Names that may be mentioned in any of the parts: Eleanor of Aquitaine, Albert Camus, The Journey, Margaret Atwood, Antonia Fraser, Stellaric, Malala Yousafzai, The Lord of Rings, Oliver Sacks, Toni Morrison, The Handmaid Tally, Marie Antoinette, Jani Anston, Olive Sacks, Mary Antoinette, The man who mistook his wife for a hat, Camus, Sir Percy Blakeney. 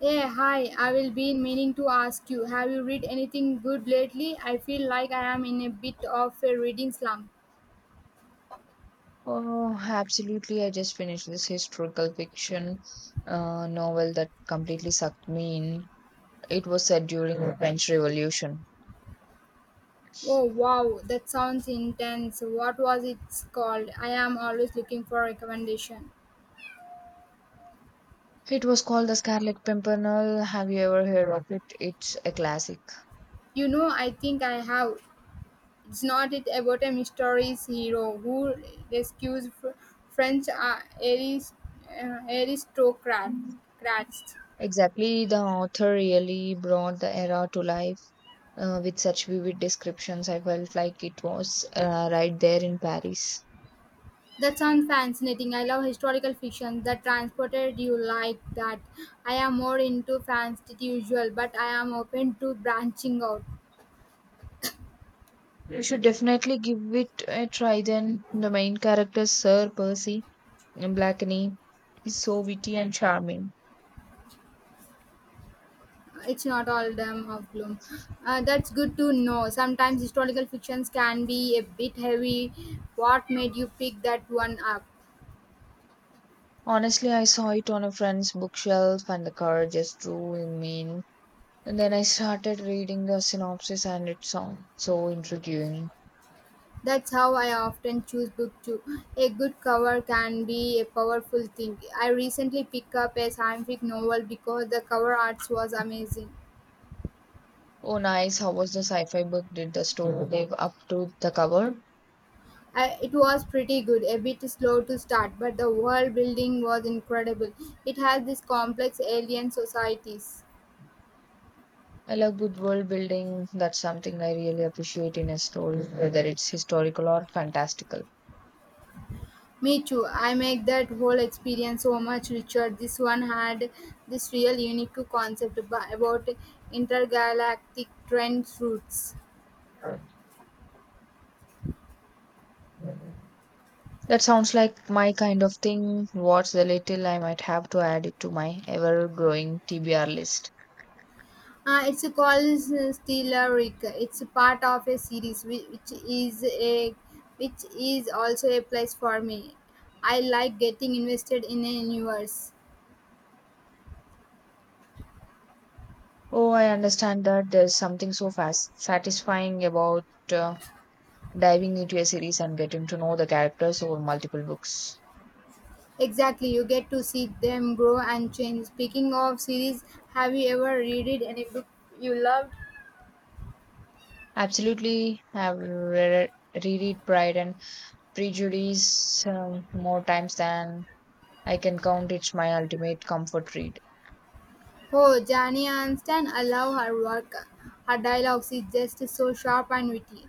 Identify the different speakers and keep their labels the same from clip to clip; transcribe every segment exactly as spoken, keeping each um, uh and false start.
Speaker 1: Hey, hi, I will be meaning to ask you, have you read anything good lately? I feel like I am in a bit of a reading slump.
Speaker 2: Oh, absolutely. I just finished this historical fiction uh, novel that completely sucked me in. It was set during the French Revolution.
Speaker 1: Oh, wow, that sounds intense. What was it called? I am always looking for recommendation.
Speaker 2: It was called The Scarlet Pimpernel. Have you ever heard of it? It's a classic.
Speaker 1: You know, I think I have. It's not it about a mysterious hero who rescues fr- French uh, arist- uh, aristocrat- crats.
Speaker 2: Exactly. The author really brought the era to life uh, with such vivid descriptions. I felt like it was uh, right there in Paris.
Speaker 1: That sounds fascinating. I love historical fiction that transported you like that. I am more into fantasy usual, but I am open to branching out.
Speaker 2: You should definitely give it a try then. The main character, Sir Percy in Blackney. He's so witty and charming.
Speaker 1: It's not all them of gloom. Uh, that's good to know. Sometimes historical fictions can be a bit heavy. What made you pick that one up?
Speaker 2: Honestly, I saw it on a friend's bookshelf and the cover just drew me in. And then I started reading the synopsis and it sounded so intriguing.
Speaker 1: That's how I often choose book too. A good cover can be a powerful thing. I recently picked up a scientific novel because the cover arts was amazing.
Speaker 2: Oh, nice. How was the sci fi book? Did the story live up to the cover?
Speaker 1: I, it was pretty good, a bit slow to start, but the world building was incredible. It has these complex alien societies.
Speaker 2: I love good world building. That's something I really appreciate in a story, whether it's historical or fantastical.
Speaker 1: Me too. I make that whole experience so much richer. This one had this real unique concept ab- about intergalactic trend routes.
Speaker 2: That sounds like my kind of thing. What's the little I might have to add it to my ever growing T B R list?
Speaker 1: Uh, it's called Stellaric. It's a part of a series whi- which is a which is also a place for me. I like getting invested in a universe.
Speaker 2: Oh, I understand that there's something so fast satisfying about uh, diving into a series and getting to know the characters over multiple books.
Speaker 1: Exactly, you get to see them grow and change. Speaking of series, have you ever read it any book you loved?
Speaker 2: Absolutely, I've re- reread Pride and Prejudice um, more times than I can count. It's my ultimate comfort read.
Speaker 1: Oh, Jani Anston, I love her work. Her dialogues is just so sharp and witty.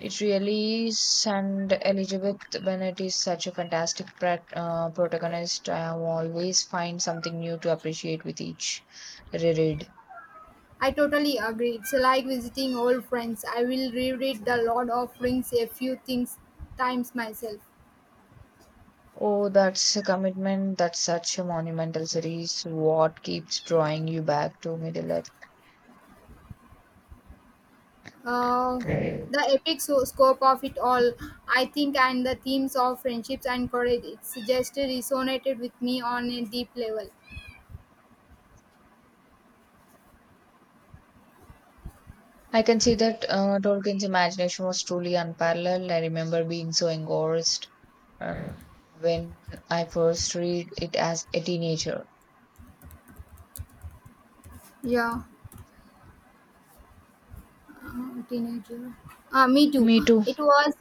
Speaker 2: It really is, and Elizabeth Bennet is such a fantastic prat- uh, protagonist. I always find something new to appreciate with each reread.
Speaker 1: I totally agree. It's like visiting old friends. I will reread The Lord of Rings a few things times myself.
Speaker 2: Oh, that's a commitment. That's such a monumental series. What keeps drawing you back to Middle
Speaker 1: Uh,
Speaker 2: Earth?
Speaker 1: the epic so- scope of it all, I think, and the themes of friendships and courage, it's just resonated with me on a deep level.
Speaker 2: I can see that uh, Tolkien's imagination was truly unparalleled. I remember being so engrossed uh, when I first read it as a teenager.
Speaker 1: Yeah. Uh, teenager. Uh, me too.
Speaker 2: Me too.
Speaker 1: It was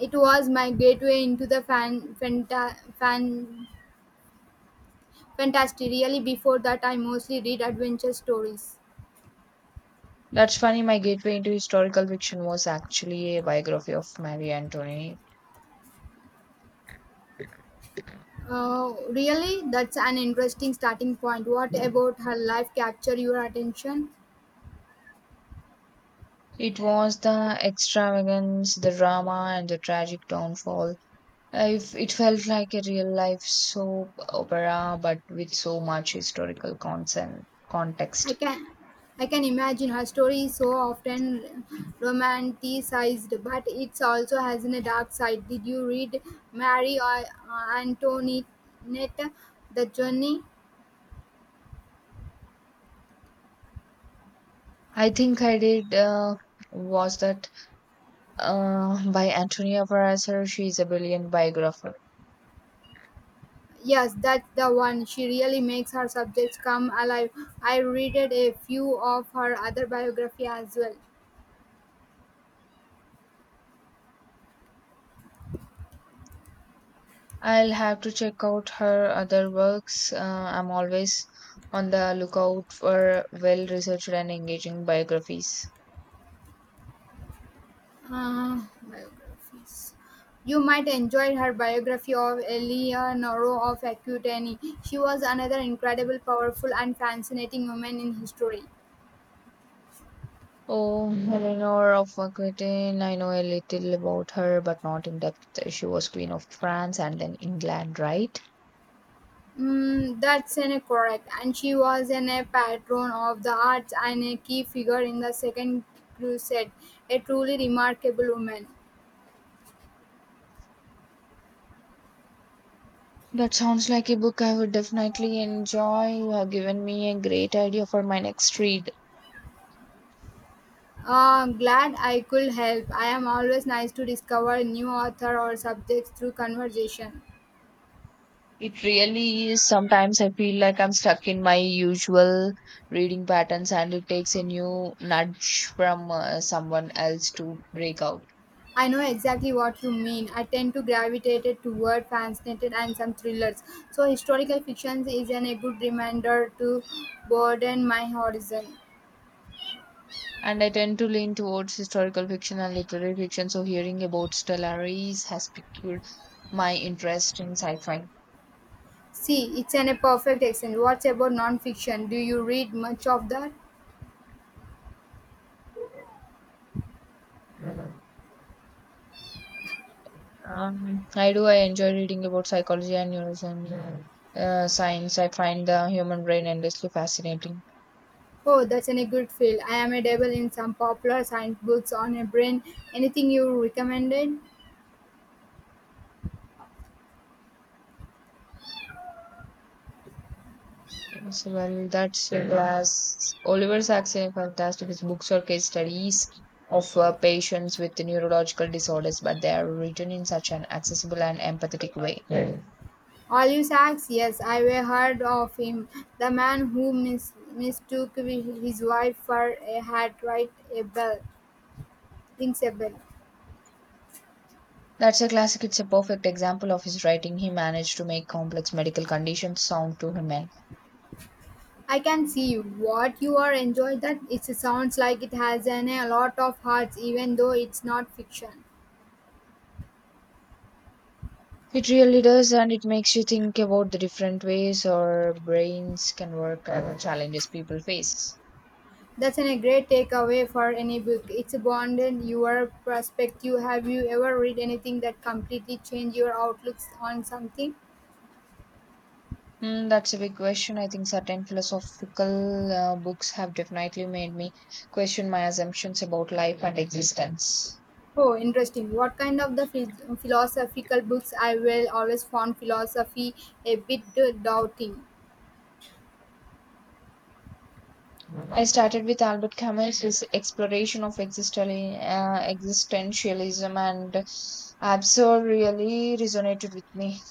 Speaker 1: it was my gateway into the fan fanta, fan fantasy. Really, before that, I mostly read adventure stories.
Speaker 2: That's funny. My gateway into historical fiction was actually a biography of Marie Antoinette.
Speaker 1: Uh, really, that's an interesting starting point. What about her life capture your attention?
Speaker 2: It was the extravagance, the drama, and the tragic downfall if it felt like a real life soap opera, but with so much historical consent,
Speaker 1: I
Speaker 2: context.
Speaker 1: can I can imagine her story is so often romanticized, but it also has a dark side. Did you read Mary or uh, Antoinette, The Journey?
Speaker 2: I think I did, uh, was that uh, by Antonia Paraser. She is a brilliant biographer.
Speaker 1: Yes, that's the one. She really makes her subjects come alive. I read it a few of her other biography as well.
Speaker 2: I'll have to check out her other works. Uh, I'm always on the lookout for well researched and engaging biographies.
Speaker 1: Uh, biographies. You might enjoy her biography of Eleanor of Aquitaine. She was another incredible, powerful, and fascinating woman in history.
Speaker 2: Oh, Eleanor of Aquitaine. I know a little about her, but not in depth. She was Queen of France and then England, right?
Speaker 1: Mm, that's an correct. And she was an a patron of the arts and a key figure in the Second Crusade. A truly remarkable woman.
Speaker 2: That sounds like a book I would definitely enjoy. You have given me a great idea for my next read.
Speaker 1: Uh, glad I could help. I am always nice to discover new author or subjects through conversation.
Speaker 2: It really is. Sometimes I feel like I'm stuck in my usual reading patterns, and it takes a new nudge from uh, someone else to break out.
Speaker 1: I know exactly what you mean. I tend to gravitate toward fascinated and some thrillers. So historical fiction is an, a good reminder to broaden my horizon.
Speaker 2: And I tend to lean towards historical fiction and literary fiction, so hearing about Stellaris has piqued my interest in sci fi.
Speaker 1: See, it's an, a perfect exchange. What's about non-fiction? Do you read much of that?
Speaker 2: Um, I do. I enjoy reading about psychology and neuroscience. Uh, science. I find the human brain endlessly fascinating.
Speaker 1: Oh, that's an, a good field. I am a devil in some popular science books on a brain. Anything you recommended?
Speaker 2: So, well, that's it. As Oliver Sacks is fantastic. His books or case studies of uh, patients with neurological disorders, but they are written in such an accessible and empathetic way.
Speaker 1: Olive Sacks, yes, I've heard of him. The man who mis- mistook wi- his wife for a hat, right? A bell, rings a bell.
Speaker 2: That's a classic. It's a perfect example of his writing. He managed to make complex medical conditions sound too human.
Speaker 1: I can see what you are enjoying that. It sounds like it has an, a lot of hearts, even though it's not fiction.
Speaker 2: It really does, and it makes you think about the different ways our brains can work and the challenges people face.
Speaker 1: That's an, a great takeaway for any book. It's broadened your perspective. Have you ever read anything that completely changed your outlooks on something?
Speaker 2: Hmm, that's a big question. I think certain philosophical uh, books have definitely made me question my assumptions about life and existence.
Speaker 1: Oh, interesting. What kind of the phi- philosophical books? I will always found philosophy a bit doubting.
Speaker 2: I started with Albert Camus' his exploration of existential, uh, existentialism, and absurd really resonated with me.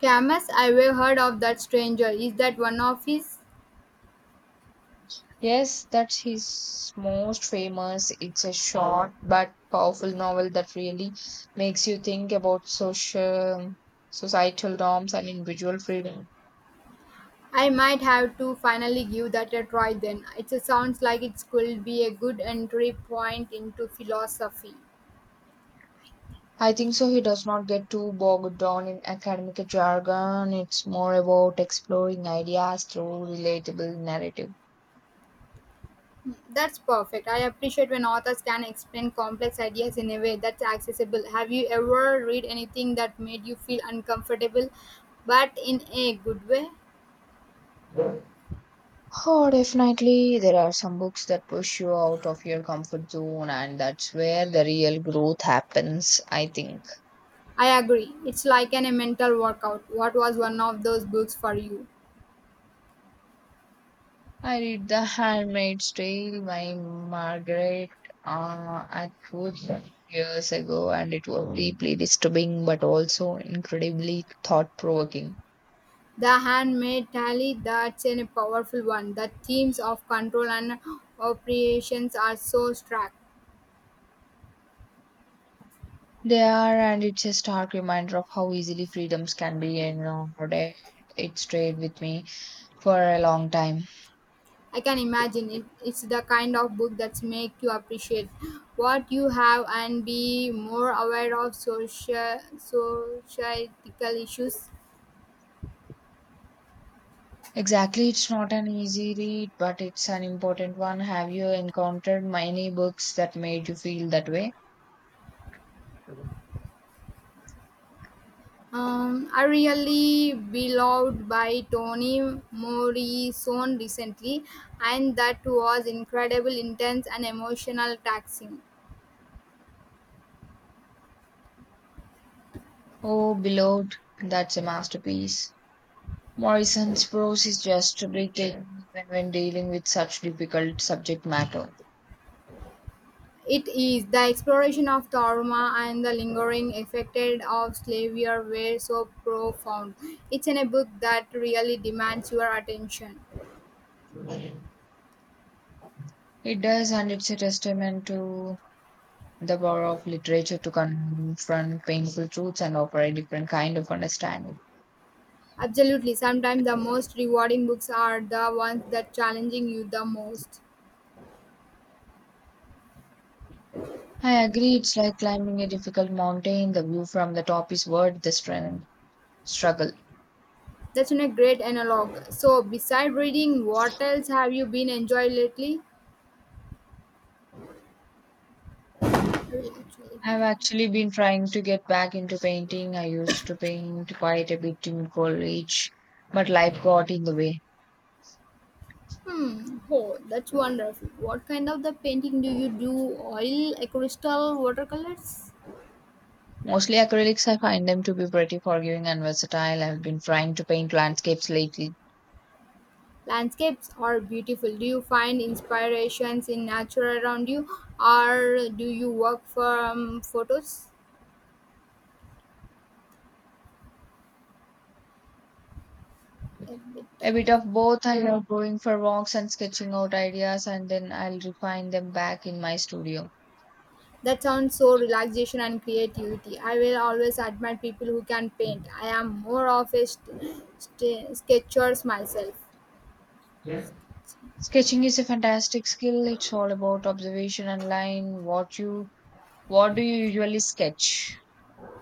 Speaker 1: Camus, I have heard of that stranger. Is that one of his?
Speaker 2: Yes, that's his most famous. It's a short but powerful novel that really makes you think about social, societal norms and individual freedom.
Speaker 1: I might have to finally give that a try then. It sounds like it could be a good entry point into philosophy.
Speaker 2: I think so. He does not get too bogged down in academic jargon. It's more about exploring ideas through relatable narrative.
Speaker 1: That's perfect. I appreciate when authors can explain complex ideas in a way that's accessible. Have you ever read anything that made you feel uncomfortable, but in a good way?
Speaker 2: Oh, definitely. There are some books that push you out of your comfort zone, and that's where the real growth happens, I think.
Speaker 1: I agree. It's like an a mental workout. What was one of those books for you?
Speaker 2: I read The Handmaid's Tale by Margaret uh, Atwood years ago, and it was deeply disturbing but also incredibly thought provoking.
Speaker 1: The Handmaid Tally, that's a powerful one. The themes of control and operations are so stark.
Speaker 2: They are, and it's a stark reminder of how easily freedoms can be eroded. It stayed with me for a long time.
Speaker 1: I can imagine it. It's the kind of book that make you appreciate what you have and be more aware of social societal issues.
Speaker 2: Exactly, it's not an easy read, but it's an important one. Have you encountered many books that made you feel that way?
Speaker 1: Um, I really beloved by Toni Morrison recently, and that was incredible, intense, and emotional taxing.
Speaker 2: Oh, Beloved, that's a masterpiece. Moissan's prose is just breathtaking even when dealing with such difficult subject matter.
Speaker 1: It is the exploration of trauma and the lingering effect of slavery were so profound. It's in a book that really demands your attention.
Speaker 2: It does, and it's a testament to the power of literature to confront painful truths and offer a different kind of understanding.
Speaker 1: Absolutely, sometimes the most rewarding books are the ones that challenging you the most.
Speaker 2: I agree, it's like climbing a difficult mountain. The view from the top is worth the stren- struggle.
Speaker 1: That's a great analog. So, beside reading, what else have you been enjoying lately? Really actually
Speaker 2: I've
Speaker 1: been.
Speaker 2: actually been trying to get back into painting. I used to paint quite a bit in college, but life got in the way.
Speaker 1: Hmm. Oh, that's wonderful. What kind of the painting do you do? Oil, crystal, watercolors?
Speaker 2: Mostly acrylics, I find them to be pretty forgiving and versatile. I've been trying to paint landscapes lately.
Speaker 1: Landscapes are beautiful. Do you find inspirations in nature around you, or do you work from photos? A bit
Speaker 2: A bit
Speaker 1: of.
Speaker 2: of both. I love going for walks and sketching out ideas, and then I'll refine them back in my studio.
Speaker 1: That sounds so relaxation and creativity. I will always admire people who can paint. I am more of a st- st- sketchers myself.
Speaker 2: Sketching is a fantastic skill. It's all about observation and line. What you, what do you usually sketch?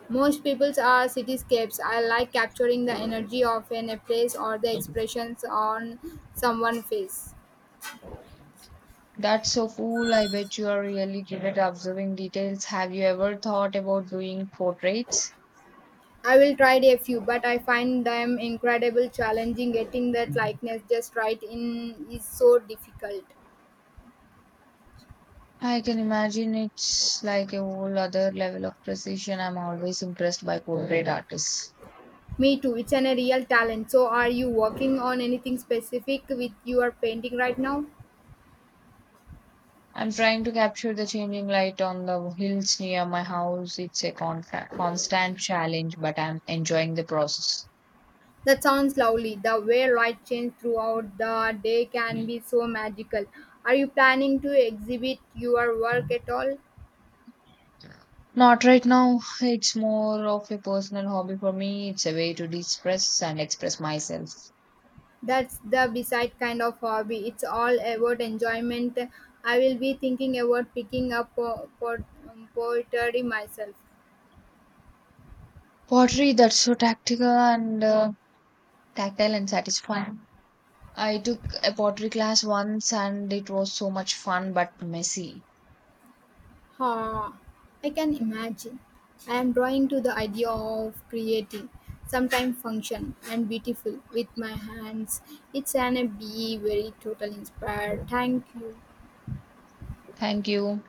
Speaker 1: Most people's are cityscapes. I like capturing the energy of an, a place or the expressions on someone's face.
Speaker 2: That's so cool. I bet you are really good at observing details. Have you ever thought about doing portraits?
Speaker 1: I will try a few, but I find them incredible challenging. Getting that likeness just right in is so difficult.
Speaker 2: I can imagine it's like a whole other level of precision. I'm always impressed by portrait artists.
Speaker 1: Me too. It's an, a real talent. So, are you working on anything specific with your painting right now?
Speaker 2: I'm trying to capture the changing light on the hills near my house. It's a contra- constant challenge, but I'm enjoying the process.
Speaker 1: That sounds lovely. The way light changes throughout the day can be so magical. Are you planning to exhibit your work at all?
Speaker 2: Not right now. It's more of a personal hobby for me. It's a way to de-stress and express myself.
Speaker 1: That's the beside kind of hobby. It's all about enjoyment. I will be thinking about picking up po- po- um, poetry myself.
Speaker 2: Pottery that's so tactical and uh, tactile and satisfying. I took a pottery class once and it was so much fun but messy.
Speaker 1: Huh. I can imagine. I am drawn to the idea of creating, sometimes function and beautiful with my hands. It's an a be very total inspired. Thank you.
Speaker 2: Thank you.